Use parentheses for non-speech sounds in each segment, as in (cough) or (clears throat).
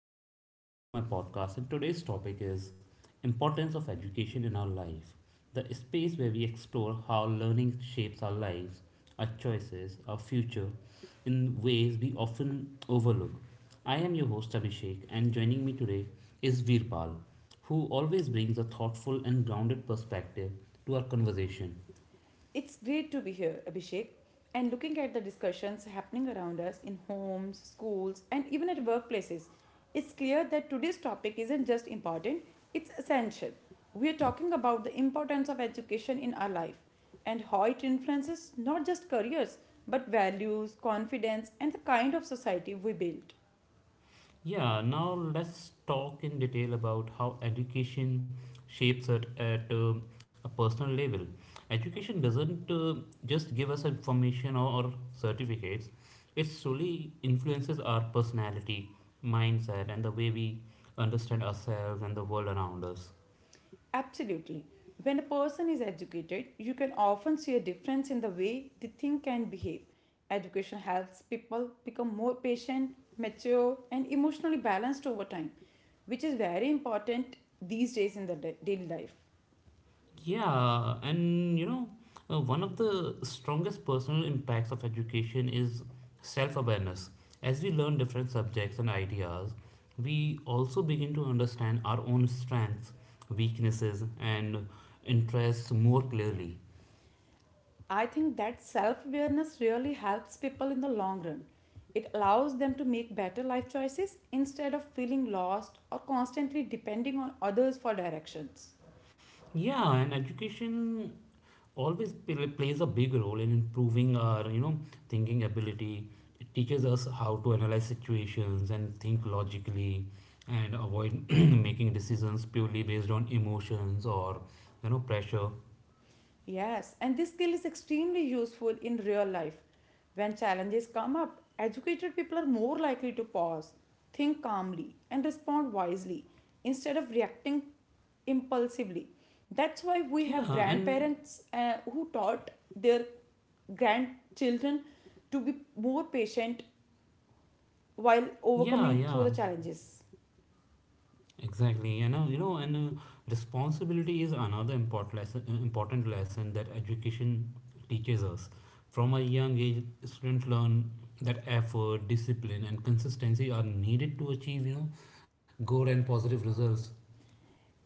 everyone. Welcome to my podcast. And today's topic is importance of education in our life. The space where we explore how learning shapes our lives, our choices, our future in ways we often overlook. I am your host Abhishek and joining me today is Veerpal, who always brings a thoughtful and grounded perspective to our conversation. It's great to be here, Abhishek. And looking at the discussions happening around us in homes, schools, and even at workplaces, it's clear that today's topic isn't just important, it's essential. We are talking about the importance of education in our life and how it influences not just careers, but values, confidence, and the kind of society we build. Yeah, now let's talk in detail about how education shapes it at a personal level. Education doesn't just give us information or certificates. It solely influences our personality, mindset, and the way we understand ourselves and the world around us. Absolutely. When a person is educated, you can often see a difference in the way they think and behave. Education helps people become more patient, mature, and emotionally balanced over time, which is very important these days in the daily life. Yeah, and one of the strongest personal impacts of education is self awareness. As we learn different subjects and ideas, we also begin to understand our own strengths, weaknesses, and interests more clearly. I think that self awareness really helps people in the long run. It allows them to make better life choices instead of feeling lost or constantly depending on others for directions. Yeah, and education always plays a big role in improving our thinking ability. It teaches us how to analyze situations and think logically, and avoid (clears throat) making decisions purely based on emotions or pressure. Yes, and this skill is extremely useful in real life. When challenges come up, educated people are more likely to pause, think calmly, and respond wisely instead of reacting impulsively. That's why we Yeah, have and grandparents who taught their grandchildren to be more patient while yeah, overcoming through yeah, the challenges. exactly. And responsibility is another important lesson that education teaches us. From a young age, students learn that effort, discipline, and consistency are needed to achieve good and positive results.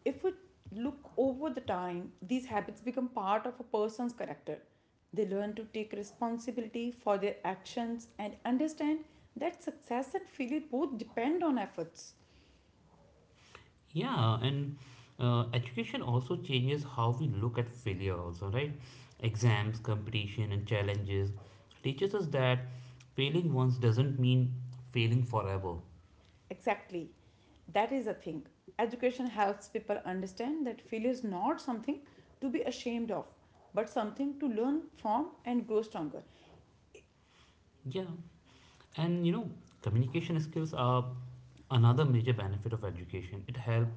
If we look over the time, these habits become part of a person's character. They learn to take responsibility for their actions and understand that success and failure both depend on efforts. Yeah, and education also changes how we look at failure, also, right? Exams, competition, and challenges teaches us that failing once doesn't mean failing forever. Exactly. That is the thing. Education helps people understand that failure is not something to be ashamed of, but something to learn from and grow stronger. Yeah, and communication skills are another major benefit of education. It helps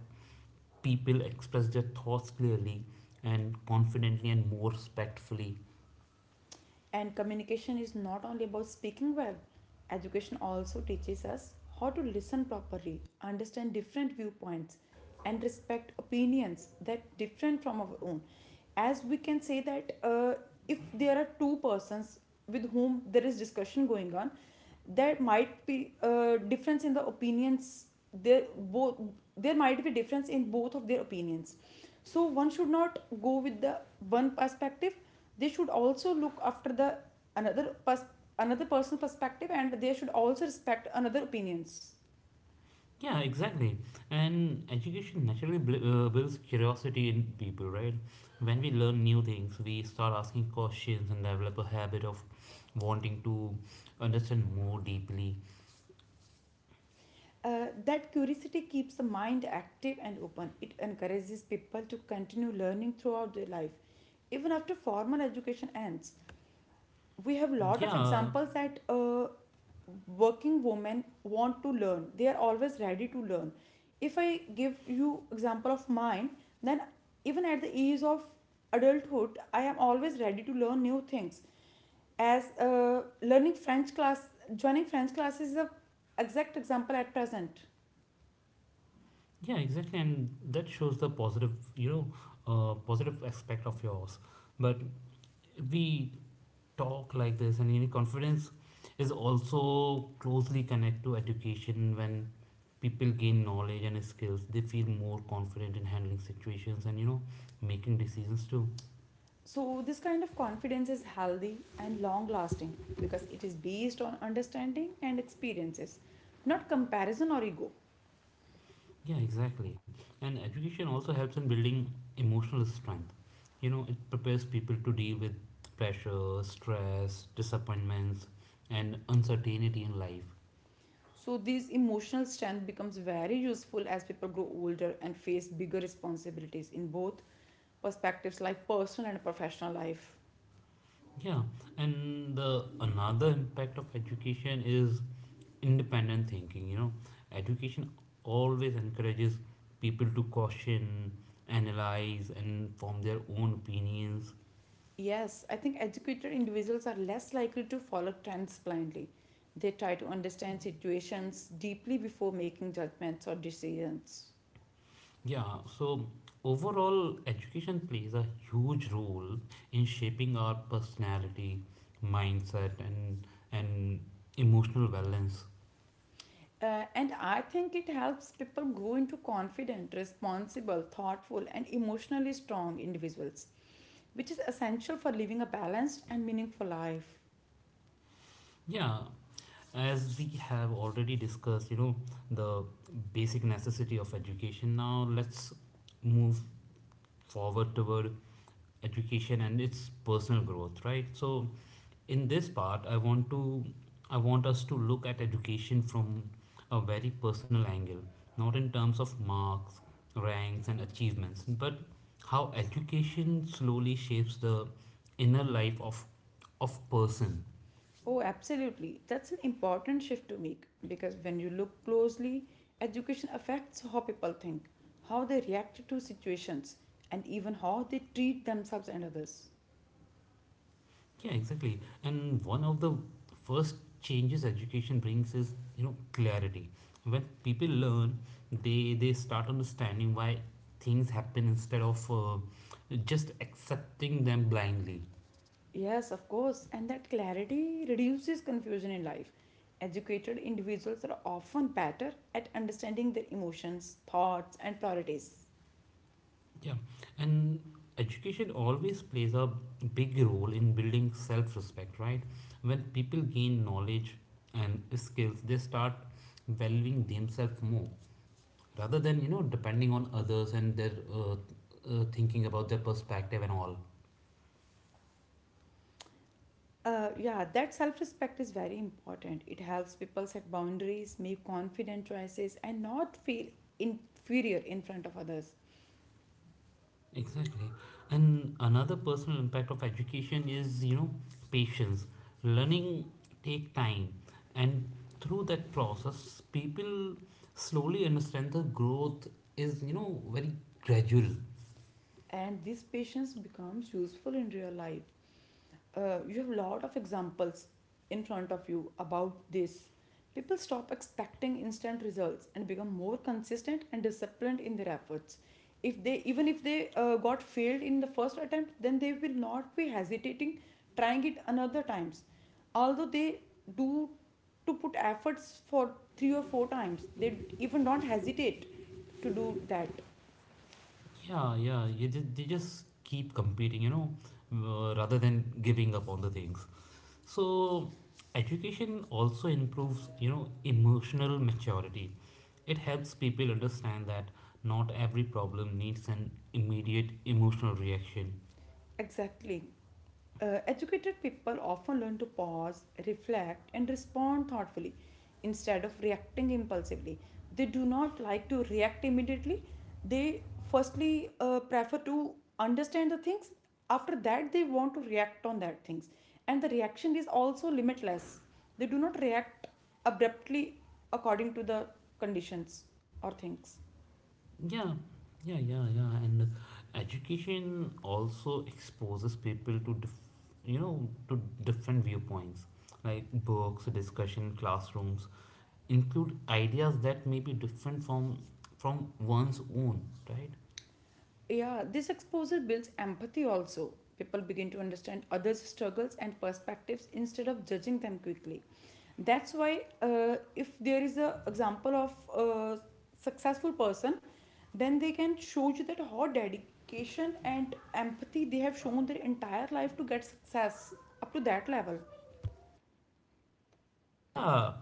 people express their thoughts clearly and confidently and more respectfully. And communication is not only about speaking well. Education also teaches us how to listen properly, understand different viewpoints, and respect opinions that different from our own. As we can say that if there are two persons with whom there is discussion going on, there might be a difference in the opinions. There both there might be difference in both of their opinions. So one should not go with the one perspective, they should also look after the another pers- another personal perspective, and they should also respect another opinions. Yeah, exactly. And education naturally builds curiosity in people, right? When we learn new things, we start asking questions and develop a habit of wanting to understand more deeply. Uh, that curiosity keeps the mind active and open. It encourages people to continue learning throughout their life even after formal education ends. We have a lot of Yeah, examples that working women want to learn. They are always ready to learn. If I give you example of mine, then even at the age of adulthood, I am always ready to learn new things. As learning french class joining French class is the exact example at present. yeah, exactly. And that shows the you know, positive aspect of yours. But we talk like this, and confidence is also closely connected to education. When people gain knowledge and skills, they feel more confident in handling situations and making decisions too. So this kind of confidence is healthy and long lasting because it is based on understanding and experiences, not comparison or ego. Yeah, exactly. And education also helps in building emotional strength. It prepares people to deal with pressure, stress, disappointments, and uncertainty in life. So, this emotional strength becomes very useful as people grow older and face bigger responsibilities in both perspectives, like personal and professional life. Yeah, and the another impact of education is independent thinking. Education always encourages people to caution, analyze, and form their own opinions. Yes, I think educated individuals are less likely to follow trends blindly. They try to understand situations deeply before making judgments or decisions. Yeah, so overall, education plays a huge role in shaping our personality, mindset, and emotional balance. And I think it helps people grow into confident, responsible, thoughtful, and emotionally strong individuals, which is essential for living a balanced and meaningful life. Yeah, as we have already discussed, the basic necessity of education. Now let's move forward toward education and its personal growth, right? So in this part, I want us to look at education from a very personal angle, not in terms of marks, ranks, and achievements, but how education slowly shapes the inner life of person. Oh, absolutely. That's an important shift to make because when you look closely, education affects how people think, how they react to situations, and even how they treat themselves and others. Yeah, exactly. And one of the first changes education brings is clarity. When people learn, they start understanding why things happen instead of just accepting them blindly. Yes, of course, and that clarity reduces confusion in life. Educated individuals are often better at understanding their emotions, thoughts, and priorities. Yeah, and education always plays a big role in building self-respect, right? When people gain knowledge and skills, they start valuing themselves more, rather than depending on others and their thinking about their perspective and all. Yeah, that self respect is very important. It helps people set boundaries, make confident choices, and not feel inferior in front of others. Exactly. And another personal impact of education is patience. Learning take time, and through that process people slowly understand the growth is very gradual. And this patience becomes useful in real life. Uh, you have a lot of examples in front of you about this. People stop expecting instant results and become more consistent and disciplined in their efforts. If they even if they got failed in the first attempt, then they will not be hesitating trying it another times, although they do to put efforts for three or four times. They even don't hesitate to do that. Yeah, yeah, they just keep competing, you know, rather than giving up on the things. So, education also improves emotional maturity. It helps people understand that not every problem needs an immediate emotional reaction. Exactly. Educated people often learn to pause, reflect, and respond thoughtfully instead of reacting impulsively. They do not like to react immediately. They firstly prefer to understand the things. After that, they want to react on that things, and the reaction is also limitless. They do not react abruptly according to the conditions or things. Yeah, yeah, yeah, yeah. And education also exposes people to different viewpoints, like books, discussion, classrooms, include ideas that may be different from one's own, right? Yeah, this exposure builds empathy also. People begin to understand others' struggles and perspectives instead of judging them quickly. That's why, if there is a example of a successful person, then they can show you that how dedication and empathy they have shown their entire life to get success up to that level. Yeah,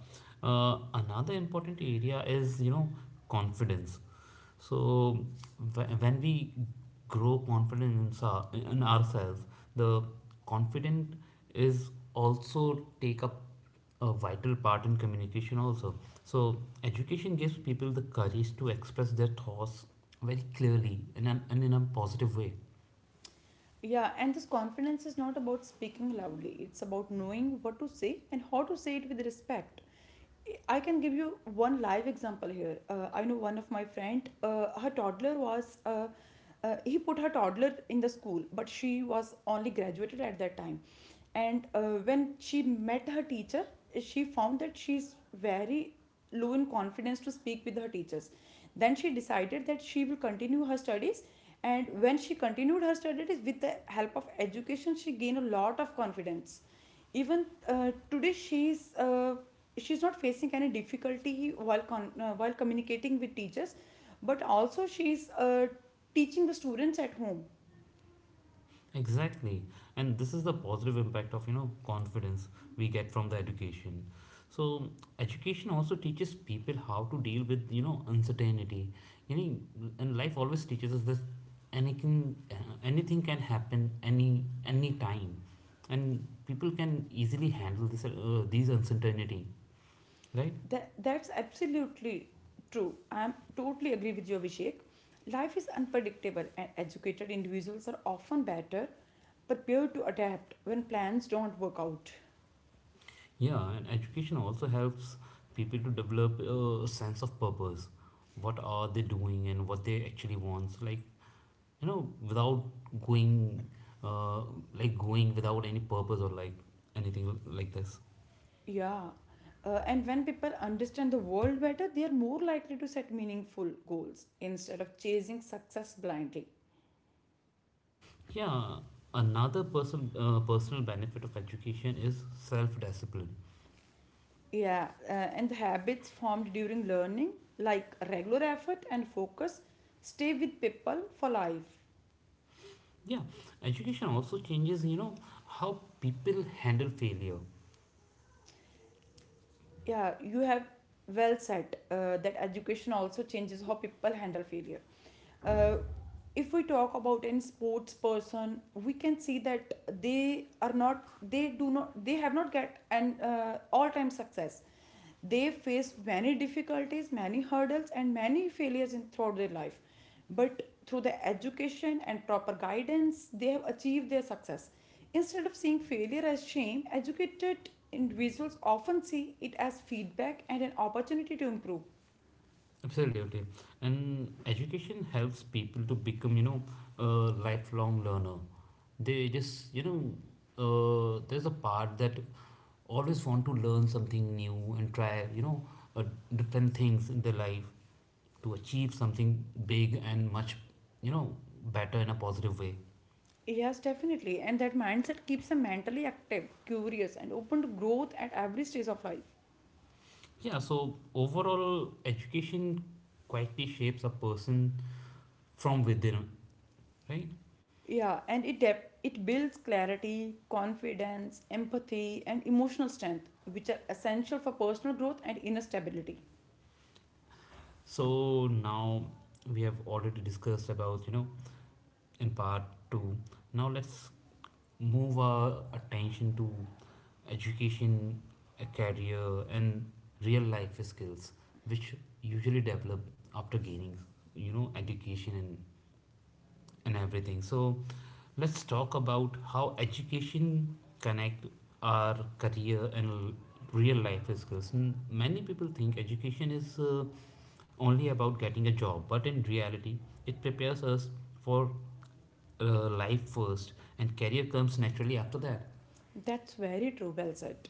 another important area is confidence. So when we grow confidence in in ourselves, the confident is also take up a vital part in communication also. So education gives people the courage to express their thoughts very clearly in an, and in a positive way. Yeah, and this confidence is not about speaking loudly. It's about knowing what to say and how to say it with respect. I can give you one live example here. I know one of my friend, he put her toddler in the school, but she was only graduated at that time. And when she met her teacher, she found that she's very low in confidence to speak with her teachers. Then she decided that she will continue her studies. And when she continued her studies with the help of education, she gained a lot of confidence. Even today, she's not facing any difficulty while communicating with teachers, but also she's teaching the students at home. Exactly. And this is the positive impact of confidence we get from the education. So education also teaches people how to deal with uncertainty. And life always teaches us this. Anything can happen any time. And people can easily handle this these uncertainty, right? That, that's absolutely true. I'm totally agree with you, Abhishek. Life is unpredictable, and educated individuals are often better prepared to adapt when plans don't work out. Yeah, and education also helps people to develop a sense of purpose. What are they doing, and what they actually want? Like, without going, uh, like going without any purpose or like anything like this. Yeah, and when people understand the world better, they are more likely to set meaningful goals instead of chasing success blindly. Yeah, another personal benefit of education is self discipline. Yeah, and the habits formed during learning, like regular effort and focus, stay with people for life. Yeah, education also changes how people handle failure. Yeah, you have well said that education also changes how people handle failure. Uh, if we talk about any sports person, we can see that they have not get an all-time success. They face many difficulties, many hurdles, and many failures in throughout their life. But through the education and proper guidance, they have achieved their success. Instead of seeing failure as shame, educated individuals often see it as feedback and an opportunity to improve. Absolutely. And education helps people to become a lifelong learner. They just there's a part that always want to learn something new and tryuh, different things in their life to achieve something big and much, you know, better in a positive way. Yes, definitely. And that mindset keeps them mentally active, curious, and open to growth at every stage of life. Yeah, so overall, education quietly shapes a person from within, right? Yeah, and it it builds clarity, confidence, empathy, and emotional strength, which are essential for personal growth and inner stability. So now we have already discussed about in part two. Now let's move our attention to education, a career, and real life skills, which usually develop after gaining education and everything. So let's talk about how education connect our career and real life skills. Many people think education is only about getting a job, but in reality, it prepares us for life first, and career comes naturally after that. That's very true. Well said.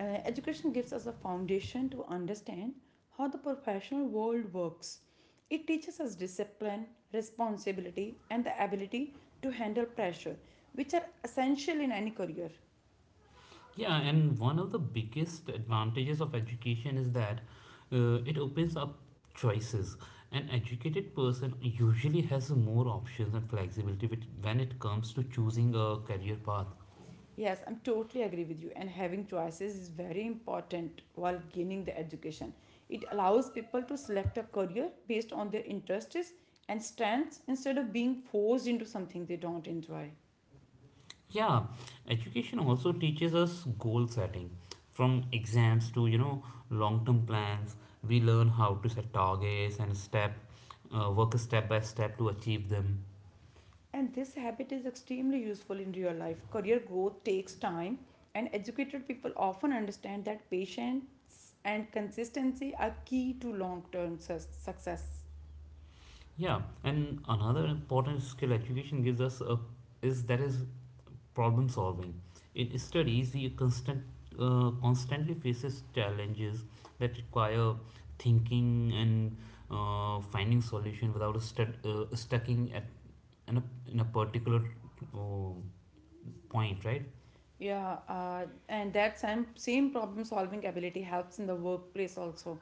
Education gives us a foundation to understand how the professional world works. It teaches us discipline, responsibility, and the ability to handle pressure, which are essential in any career. Yeah, and one of the biggest advantages of education is that it opens up choices. An educated person usually has more options and flexibility when it comes to choosing a career path. Yes, I'm totally agree with you. And having choices is very important while gaining the education. It allows people to select a career based on their interests and strengths instead of being forced into something they don't enjoy. Yeah, education also teaches us goal setting. From exams to long-term plans, we learn how to set targets and work step by step to achieve them. And this habit is extremely useful in real life. Career growth takes time, and educated people often understand that patience and consistency are key to long term success. Yeah, and another important skill education gives us is that is problem solving. In studies, we constantly faces challenges that require thinking and finding solution without stucking in a, in a particular oh, point, right? Yeah, and that same problem solving ability helps in the workplace also.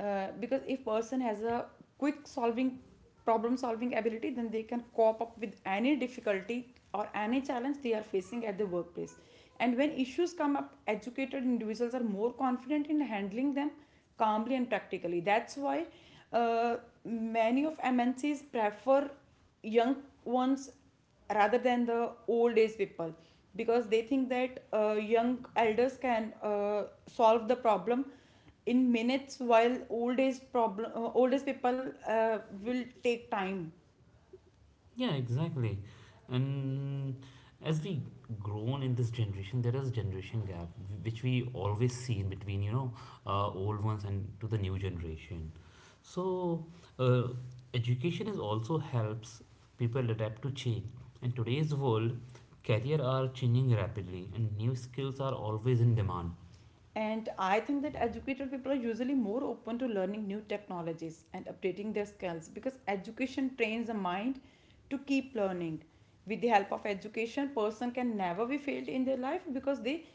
Because if person has a quick solving problem solving ability, then they can cope up with any difficulty or any challenge they are facing at the workplace. And when issues come up, educated individuals are more confident in handling them calmly and practically. That's why uh, many of MNCs prefer young ones rather than the old age people because they think that young elders can solve the problem in minutes, while old age people uh, will take time. Yeah, exactly. And as we grown in this generation, there is generation gap which we always see in between, old ones and to the new generation. So uh, education is also helps people adapt to change. In today's world, career are changing rapidly and new skills are always in demand. And I think that educated people are usually more open to learning new technologies and updating their skills because education trains the mind to keep learning. With the help of education, person can never be failed in their life because they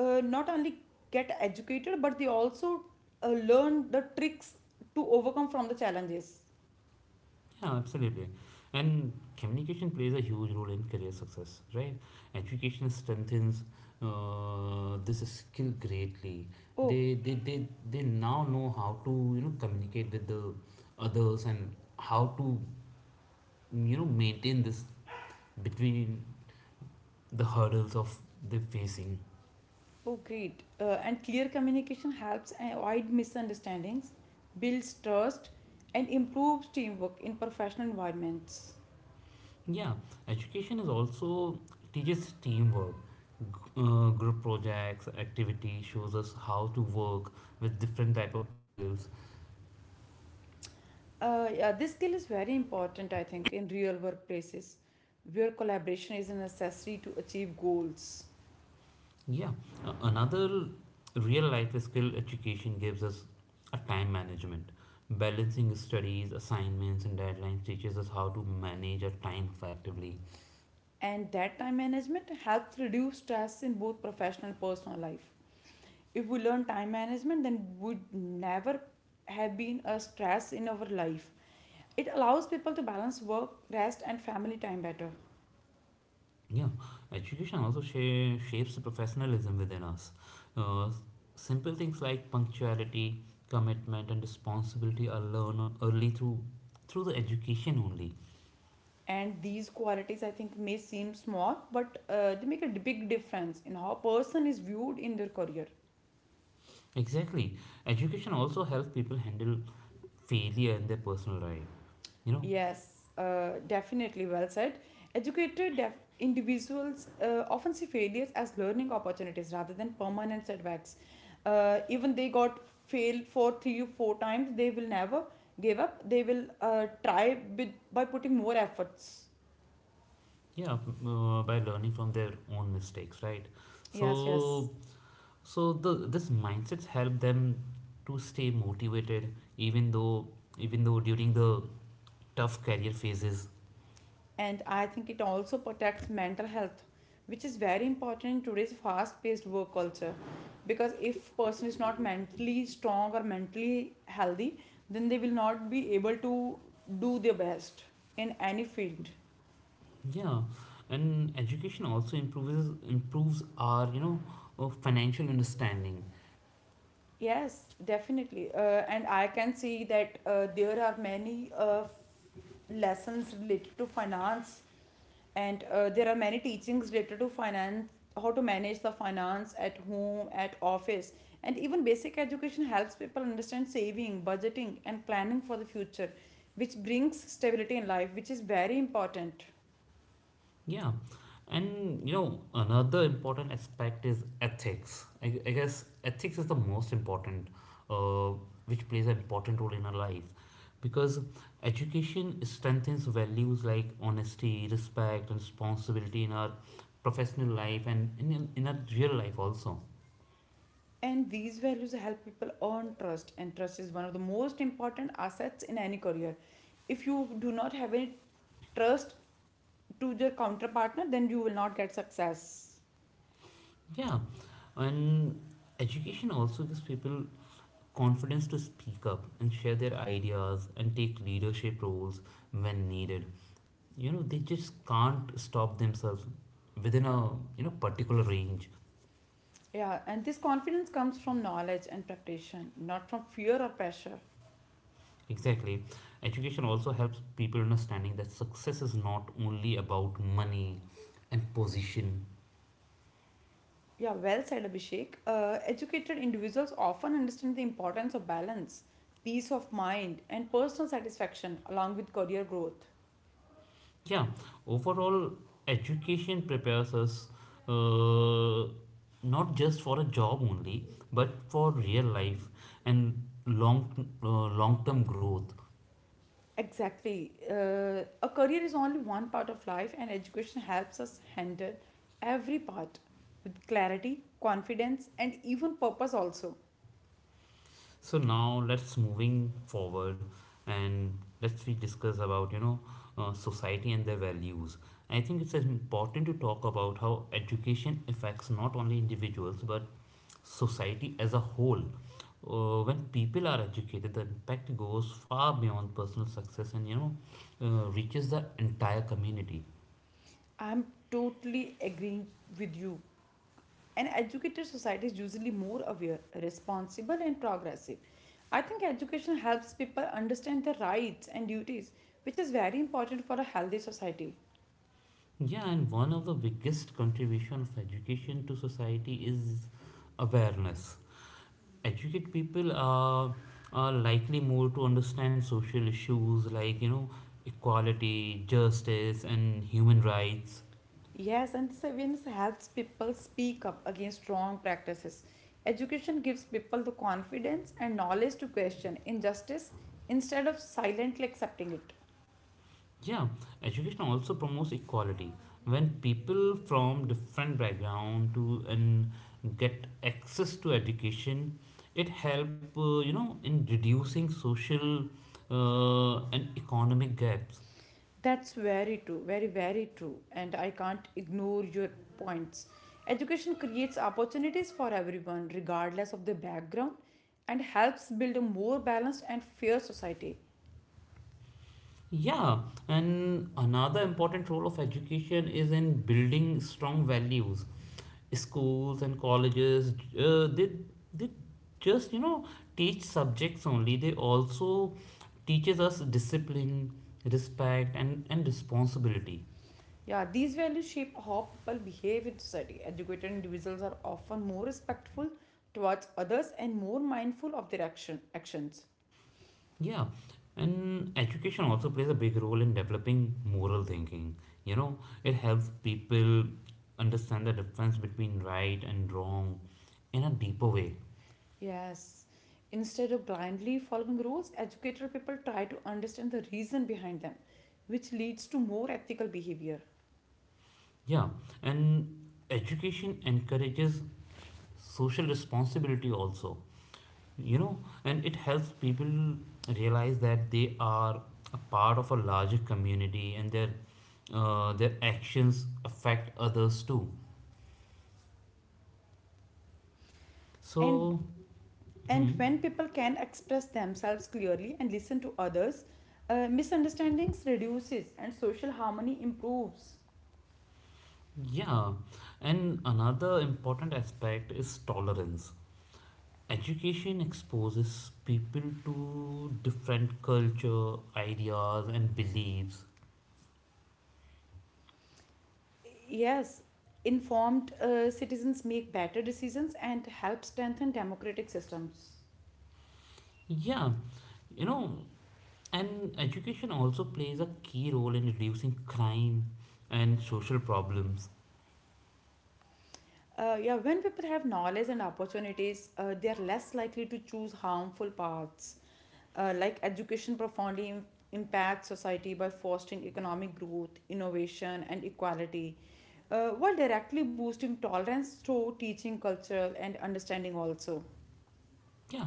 not only get educated but they also learn the tricks to overcome from the challenges. Yeah, absolutely. And communication plays a huge role in career success, right? Education strengthens this skill greatly. Oh, They now know how to communicate with the others and how to maintain this between the hurdles of the facing. oh, great! And clear communication helps avoid misunderstandings, builds trust, and improves teamwork in professional environments. Yeah, education is also teaches teamwork. G- Group projects activity shows us how to work with different type of people. Yeah, this skill is very important, I think, in real workplaces where collaboration is a necessary to achieve goals. Yeah, another real life skill education gives us a time management. Balancing studies, assignments, and deadlines teaches us how to manage our time effectively. And that time management helps reduce stress in both professional and personal life. If we learn time management, then would never have been a stress in our life. It allows people to balance work, rest, and family time better. Yeah, education also shapes the professionalism within us. Uh, Simple things like punctuality, commitment, and responsibility are learned early through the education only. And these qualities, I think, may seem small, but they make a big difference in how a person is viewed in their career. Exactly, education also helps people handle failure in their personal life, you know Yes, definitely well said. Educated individuals often see failures as learning opportunities rather than permanent setbacks. Even they got failed for three or four times, they will never give up. They will try by putting more efforts. yeah, by learning from their own mistakes, right? Yes, yes. So so the this mindsets help them to stay motivated even though even though during the tough career phases. And I think it also protects mental health, which is very important in today's fast paced work culture, because if person is not mentally strong or mentally healthy, then they will not be able to do their best in any field. Yeah, and education also improves our financial understanding. Yes, definitely. And I can see that there are many lessons related to finance, and there are many teachings related to finance, how to manage the finance at home, at office. And even basic education helps people understand saving, budgeting and planning for the future, which brings stability in life, which is very important. Yeah, and another important aspect is ethics. I guess ethics is the most important, uh, which plays an important role in our life, because education strengthens values like honesty, respect, and responsibility in our professional life and in our real life also. And these values help people earn trust, and trust is one of the most important assets in any career. If you do not have any trust to your counterpartner, then you will not get success. Yeah, and education also gives people confidence to speak up and share their ideas and take leadership roles when needed. They just can't stop themselves within a particular range. Yeah, and this confidence comes from knowledge and preparation, not from fear or pressure. Exactly, education also helps people understanding that success is not only about money and position. Yeah, well said, Abhishek. Educated individuals often understand the importance of balance, peace of mind, and personal satisfaction along with career growth. Yeah, overall, education prepares us, uh, not just for a job only, but for real life and long uh, long term growth. Exactly. A career is only one part of life, and education helps us handle every part with clarity, confidence, and even purpose. Also, So now let's moving forward, and let's we discuss about society and their values. I think it's important to talk about how education affects not only individuals but society as a whole. When people are educated, the impact goes far beyond personal success and reaches the entire community. I'm totally agreeing with you. An educated society is usually more aware, responsible, and progressive. I think education helps people understand their rights and duties, which is very important for a healthy society. Yeah, and one of the biggest contribution of education to society is awareness educate people are likely more to understand social issues like equality justice and human rights. Yes, and this awareness helps people speak up against wrong practices. Education gives people the confidence and knowledge to question injustice instead of silently accepting it. Yeah, education also promotes equality when people from different background to and get access to education it help in reducing social and economic gaps. That's very true, very, very true. And I can't ignore your points. Education creates opportunities for everyone, regardless of their background, and helps build a more balanced and fair society. Yeah, and another important role of education is in building strong values. Schools and colleges, they just teach subjects only. They also teaches us discipline, respect, and responsibility. Yeah, these values shape how people behave in society. Educated individuals are often more respectful towards others and more mindful of their action, actions. Yeah, and education also plays a big role in developing moral thinking. You know, it helps people understand the difference between right and wrong in a deeper way. Yes. Instead of blindly following rules, educated people try to understand the reason behind them, which leads to more ethical behavior. Yeah, and education encourages social responsibility also, you know, and it helps people realize that they are a part of a larger community and their actions affect others too. And So, and hmm, when people can express themselves clearly and listen to others, misunderstandings reduces and social harmony improves. yeah, and another important aspect is tolerance. Education exposes people to different culture, ideas, and beliefs. Yes, informed citizens make better decisions and help strengthen democratic systems. Yeah, you know, and education also plays a key role in reducing crime and social problems. Yeah, when people have knowledge and opportunities, they are less likely to choose harmful paths. Like education profoundly impacts society by fostering economic growth, innovation, and equality, while directly boosting tolerance through teaching, cultural, and understanding also. Yeah,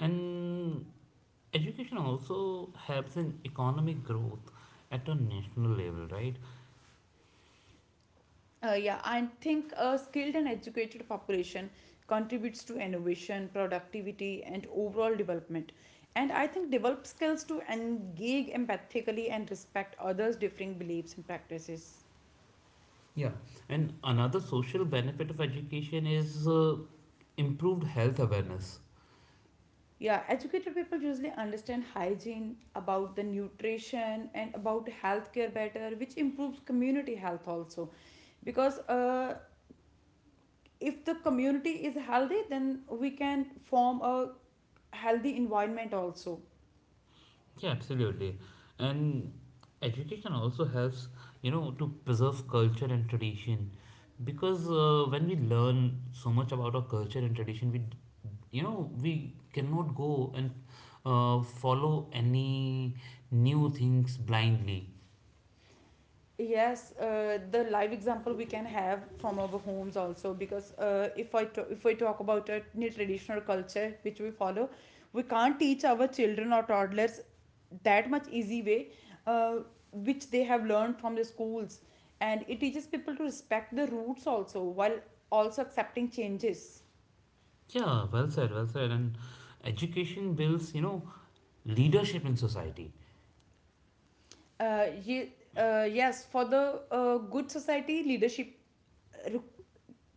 and education also helps in economic growth at a national level, right? Yeah, I think a skilled and educated population contributes to innovation, productivity, and overall development. And I think develop skills to engage empathically and respect others' differing beliefs and practices. Yeah, and another social benefit of education is improved health awareness. Yeah, educated people usually understand hygiene, about the nutrition, and about healthcare better, which improves community health also. Because if the community is healthy, then we can form a healthy environment also. Yeah, absolutely. And education also helps, you know, to preserve culture and tradition because when we learn so much about our culture and tradition, we we cannot go and follow any new things blindly. Yes, the live example we can have from our homes also, because if if we talk about a traditional culture which we follow, we can't teach our children or toddlers that much easy way, uh, which they have learned from the schools, and it teaches people to respect the roots also while also accepting changes. Yeah, well said, well said, and education builds leadership in society. Uh, ye- yes, for the good society, leadership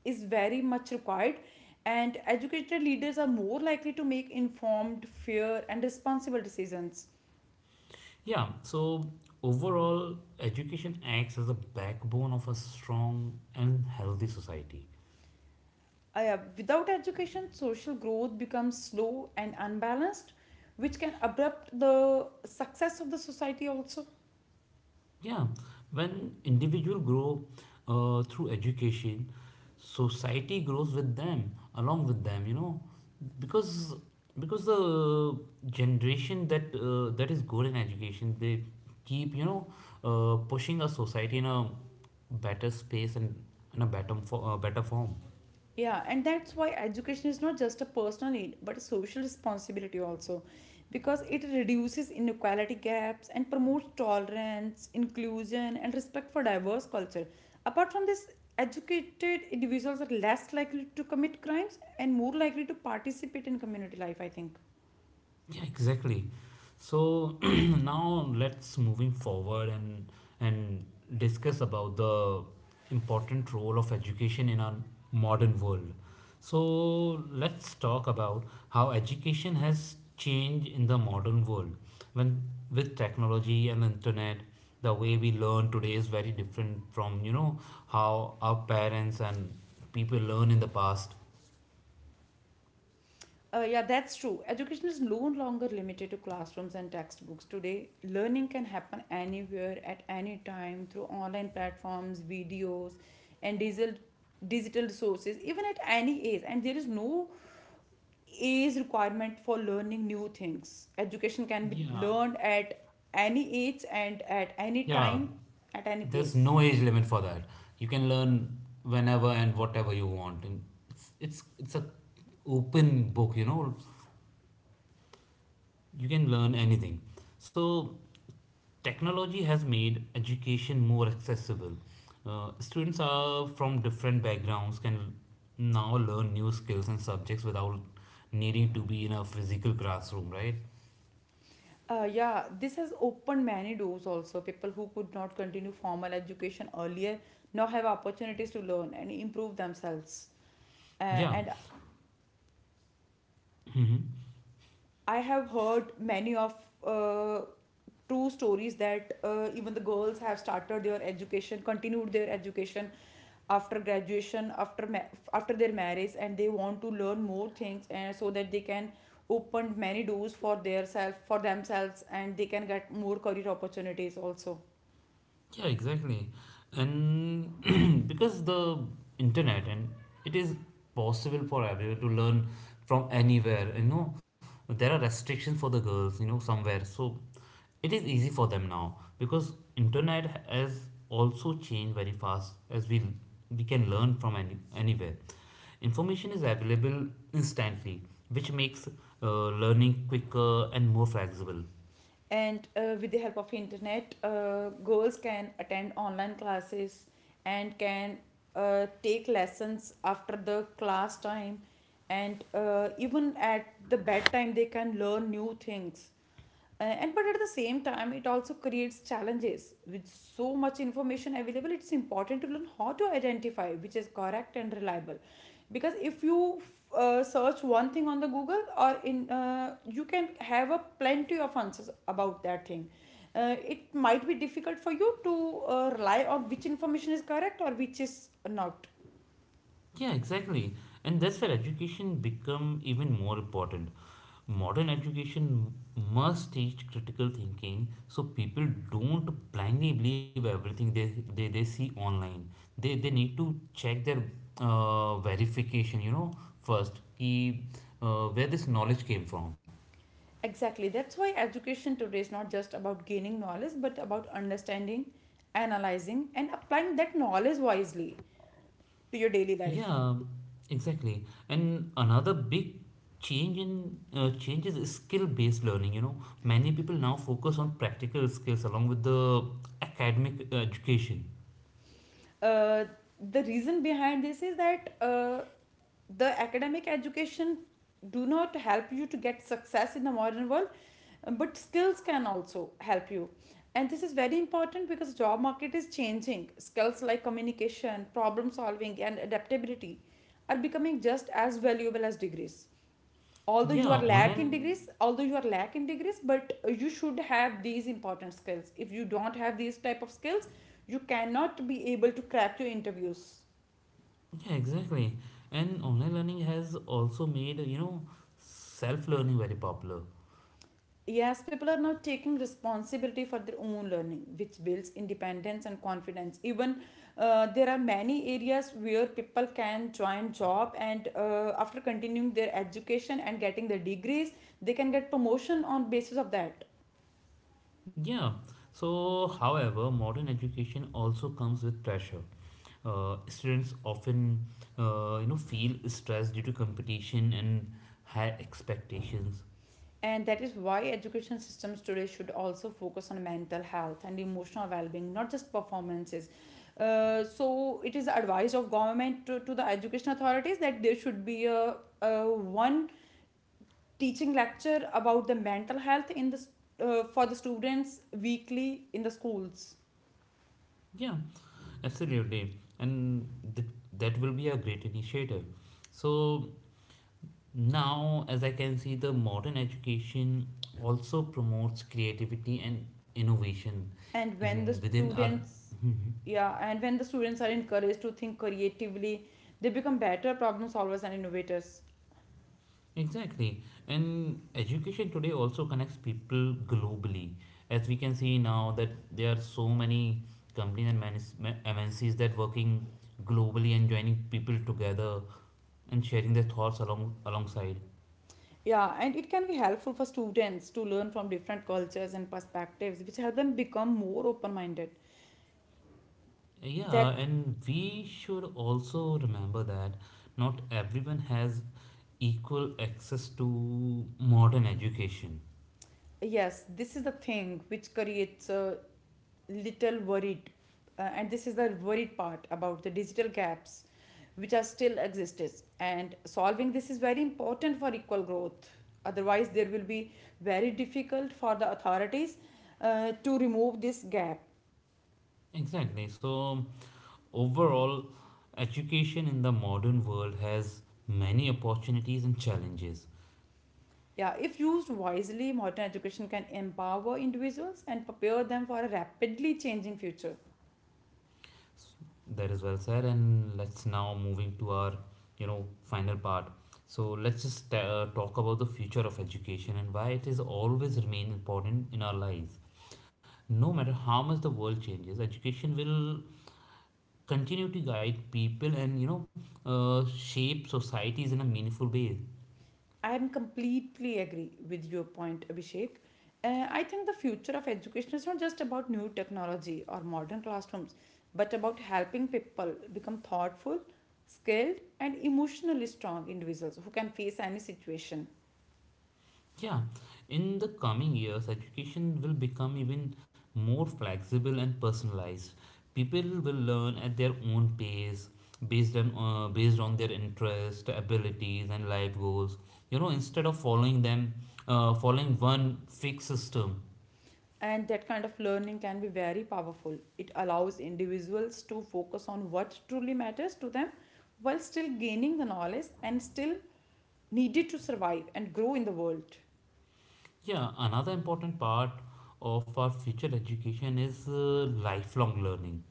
is very much required, and educated leaders are more likely to make informed, fair and responsible decisions. Yeah, so overall education acts as a backbone of a strong and healthy society. Yeah, without education, social growth becomes slow and unbalanced, which can abrupt the success of the society also. Yeah, when individual grow through education, society grows with them, along with them. You know, because because the generation that that is good in education, they keep pushing a society in a better space and in a better form. Yeah, and that's why education is not just a personal need, but a social responsibility also, because it reduces inequality gaps and promotes tolerance, inclusion, and respect for diverse culture. Apart from this, educated individuals are less likely to commit crimes and more likely to participate in community life, I think. Yeah, exactly. So (clears throat) now let's moving forward and discuss about the important role of education in our modern world. So let's talk about how education has changed in the modern world when with technology and internet the way we learn today is very different from how our parents and people learn in the past. Yeah, that's true. Education is no longer limited to classrooms and textbooks. Today, learning can happen anywhere at any time through online platforms, videos, and digital resources, even at any age. And there is no age requirement for learning new things. Education can be Yeah. learned at any age and at any Yeah, time, at any there's place. no age limit for that. You can learn whenever and whatever you want, and it's a open book. You know, you can learn anything. So, technology has made education more accessible. Students are from different backgrounds can now learn new skills and subjects without needing to be in a physical classroom, right? Yeah, this has opened many doors also. People who could not continue formal education earlier now have opportunities to learn and improve themselves. Uh, Yeah. and Hmm. I have heard many of uh, true stories that even the girls have started their education, continued their education after graduation, after their marriage, and they want to learn more things, and so that they can open many doors for their self for themselves, and they can get more career opportunities also. Yeah, exactly. And (clears throat) because the internet and it is possible for everyone to learn from anywhere, you know, there are restrictions for the girls, you know, somewhere. So it is easy for them now because internet has also changed very fast as we can learn from anywhere. Information is available instantly, which makes learning quicker and more flexible. And with the help of internet, girls can attend online classes and can take lessons after the class time, and even at the bedtime they can learn new things. And but at the same time, it also creates challenges. With so much information available, it's important to learn how to identify which is correct and reliable, because if you search one thing on the Google or in you can have a plenty of answers about that thing. It might be difficult for you to rely on which information is correct or which is not. Yeah, exactly. And that's where education become even more important. Modern education must teach critical thinking so people don't blindly believe everything they see online. They need to check their verification, you know, first, ki, where this knowledge came from. Exactly, that's why education today is not just about gaining knowledge, but about understanding, analyzing and applying that knowledge wisely to your daily life. Yeah, exactly. And another big changes is skill-based learning. You know, many people now focus on practical skills along with the academic education. uh, the reason behind this is that the academic education do not help you to get success in the modern world, but skills can also help you. And this is very important because job market is changing. Skills like communication, problem solving and adaptability are becoming just as valuable as degrees. Yeah, online. Although you are lack in degrees, but you should have these important skills. If you don't have these type of skills, you cannot be able to crack your interviews. Yeah, exactly. And online learning has also made self-learning very popular. Yes, people are now taking responsibility for their own learning, which builds independence and confidence. Even there are many areas where people can join job, and after continuing their education and getting their degrees, they can get promotion on basis of that. Yeah. So, however, modern education also comes with pressure. Students often, feel stressed due to competition and high expectations. And that is why education systems today should also focus on mental health and emotional well-being, not just performances. So it is the advice of government to the education authorities that there should be a one teaching lecture about the mental health for the students weekly in the schools. Yeah, absolutely, and th- that will be a great initiative. So now, as I can see, the modern education also promotes creativity and innovation And when the in within our students (laughs) Yeah, and when the students are encouraged to think creatively, they become better problem solvers and innovators. Exactly. And education today also connects people globally. As we can see now that there are so many companies and MNCs that working globally and joining people together and sharing their thoughts along alongside. Yeah, and it can be helpful for students to learn from different cultures and perspectives, which help them become more open minded. Yeah, That, and we should also remember that not everyone has equal access to modern education. yes, this is the thing which creates a little worried, and this is the worried part about the digital gaps which are still exists, and solving this is very important for equal growth. Otherwise, there will be very difficult for the authorities to remove this gap. Exactly. So overall, education in the modern world has many opportunities and challenges. Yeah, if used wisely, modern education can empower individuals and prepare them for a rapidly changing future. That is well said, and let's now moving to our final part. So let's just talk about the future of education and why it is always remain important in our lives. No matter how much the world changes, education will continue to guide people and shape societies in a meaningful way. I am completely agree with your point, Abhishek. I think the future of education is not just about new technology or modern classrooms, but about helping people become thoughtful, skilled, and emotionally strong individuals who can face any situation. Yeah, in the coming years, education will become even more flexible and personalized. People will learn at their own pace, based on their interest, abilities, and life goals. You know, instead of following them, following one fixed system. And that kind of learning can be very powerful. It allows individuals to focus on what truly matters to them, while still gaining the knowledge and still needed to survive and grow in the world. Yeah, another important part of our future education is lifelong learning.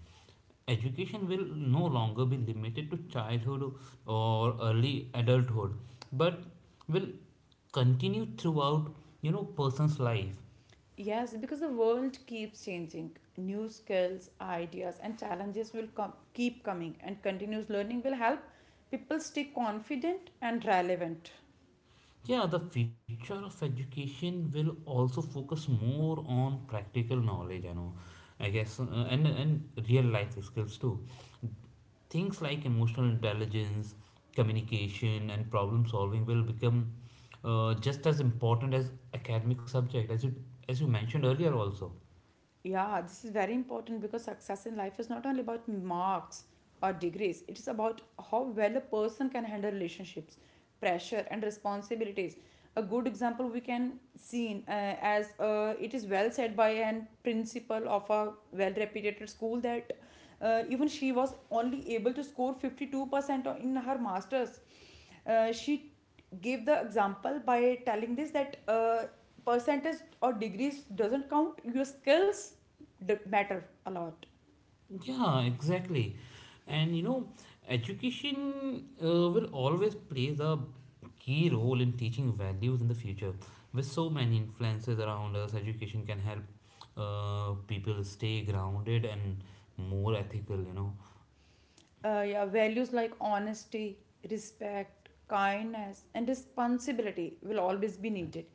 Education will no longer be limited to childhood or early adulthood but will continue throughout person's life. Yes, because the world keeps changing. New skills, ideas and challenges will come, keep coming, and continuous learning will help people stay confident and relevant. Yeah, the future of education will also focus more on practical knowledge. I know, I guess, and real life skills too. Things like emotional intelligence communication and problem solving will become just as important as academic subject as you mentioned earlier also. Yeah, this is very important because success in life is not only about marks or degrees, it is about how well a person can handle relationships, pressure, and responsibilities. A good example we can see in, as it is well said by an principal of a well reputed school that even she was only able to score 52% in her masters. She gave the example by telling this that percentage or degrees doesn't count, your skills matter a lot. Yeah, exactly. And you know, education will always play the key role in teaching values in the future. With so many influences around us, education can help people stay grounded and more ethical, you know. Yeah, values like honesty, respect, kindness, and responsibility will always be needed.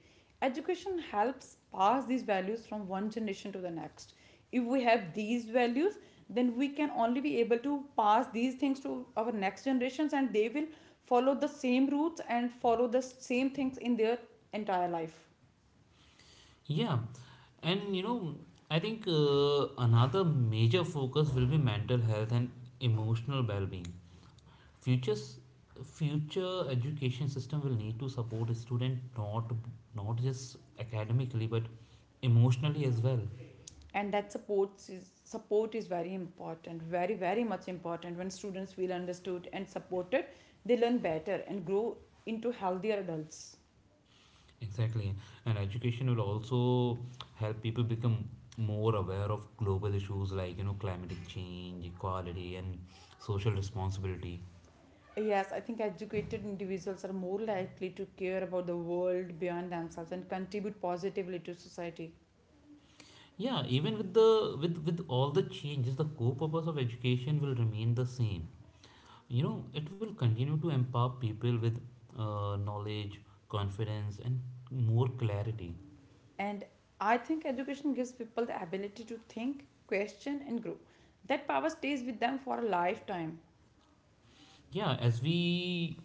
Education helps pass these values from one generation to the next. If we have these values, then we can only be able to pass these things to our next generations, and they will follow the same routes and follow the same things in their entire life. Yeah, and you know, I think another major focus will be mental health and emotional well being. Futures, future education system will need to support a student not just academically but emotionally as well. And that supports is, Support is very important, very, very much important. When students feel understood and supported, they learn better and grow into healthier adults. Exactly, and education will also help people become more aware of global issues like climatic change, equality, and social responsibility. Yes, I think educated individuals are more likely to care about the world beyond themselves and contribute positively to society. Yeah, even with the with all the changes, the core purpose of education will remain the same. You know it will continue to empower people with knowledge confidence and more clarity. And I think education gives people the ability to think, question and grow. That power stays with them for a lifetime. Yeah, as we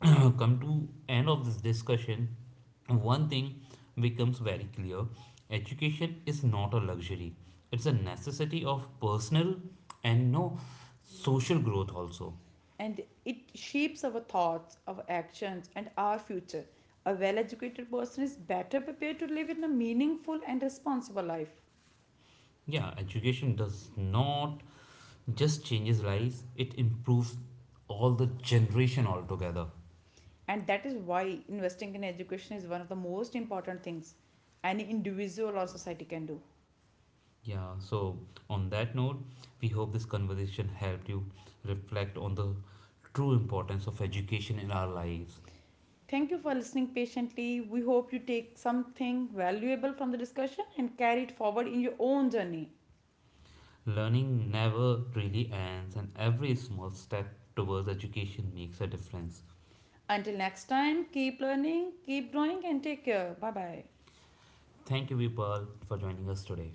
(clears throat) come to end of this discussion one thing becomes very clear. Education is not a luxury, it's a necessity of personal and no social growth also. And it shapes our thoughts, our actions, and our future. A well educated person is better prepared to live in a meaningful and responsible life. Yeah, education does not just changes lives, it improves all the generation altogether. And that is why investing in education is one of the most important things any individual or society can do. Yeah, so on that note, we hope this conversation helped you reflect on the true importance of education in our lives. Thank you for listening patiently. We hope you take something valuable from the discussion and carry it forward in your own journey. Learning never really ends, and every small step towards education makes a difference. Until next time, keep learning, keep growing, and take care. Bye bye. Thank you, Vipal, for joining us today.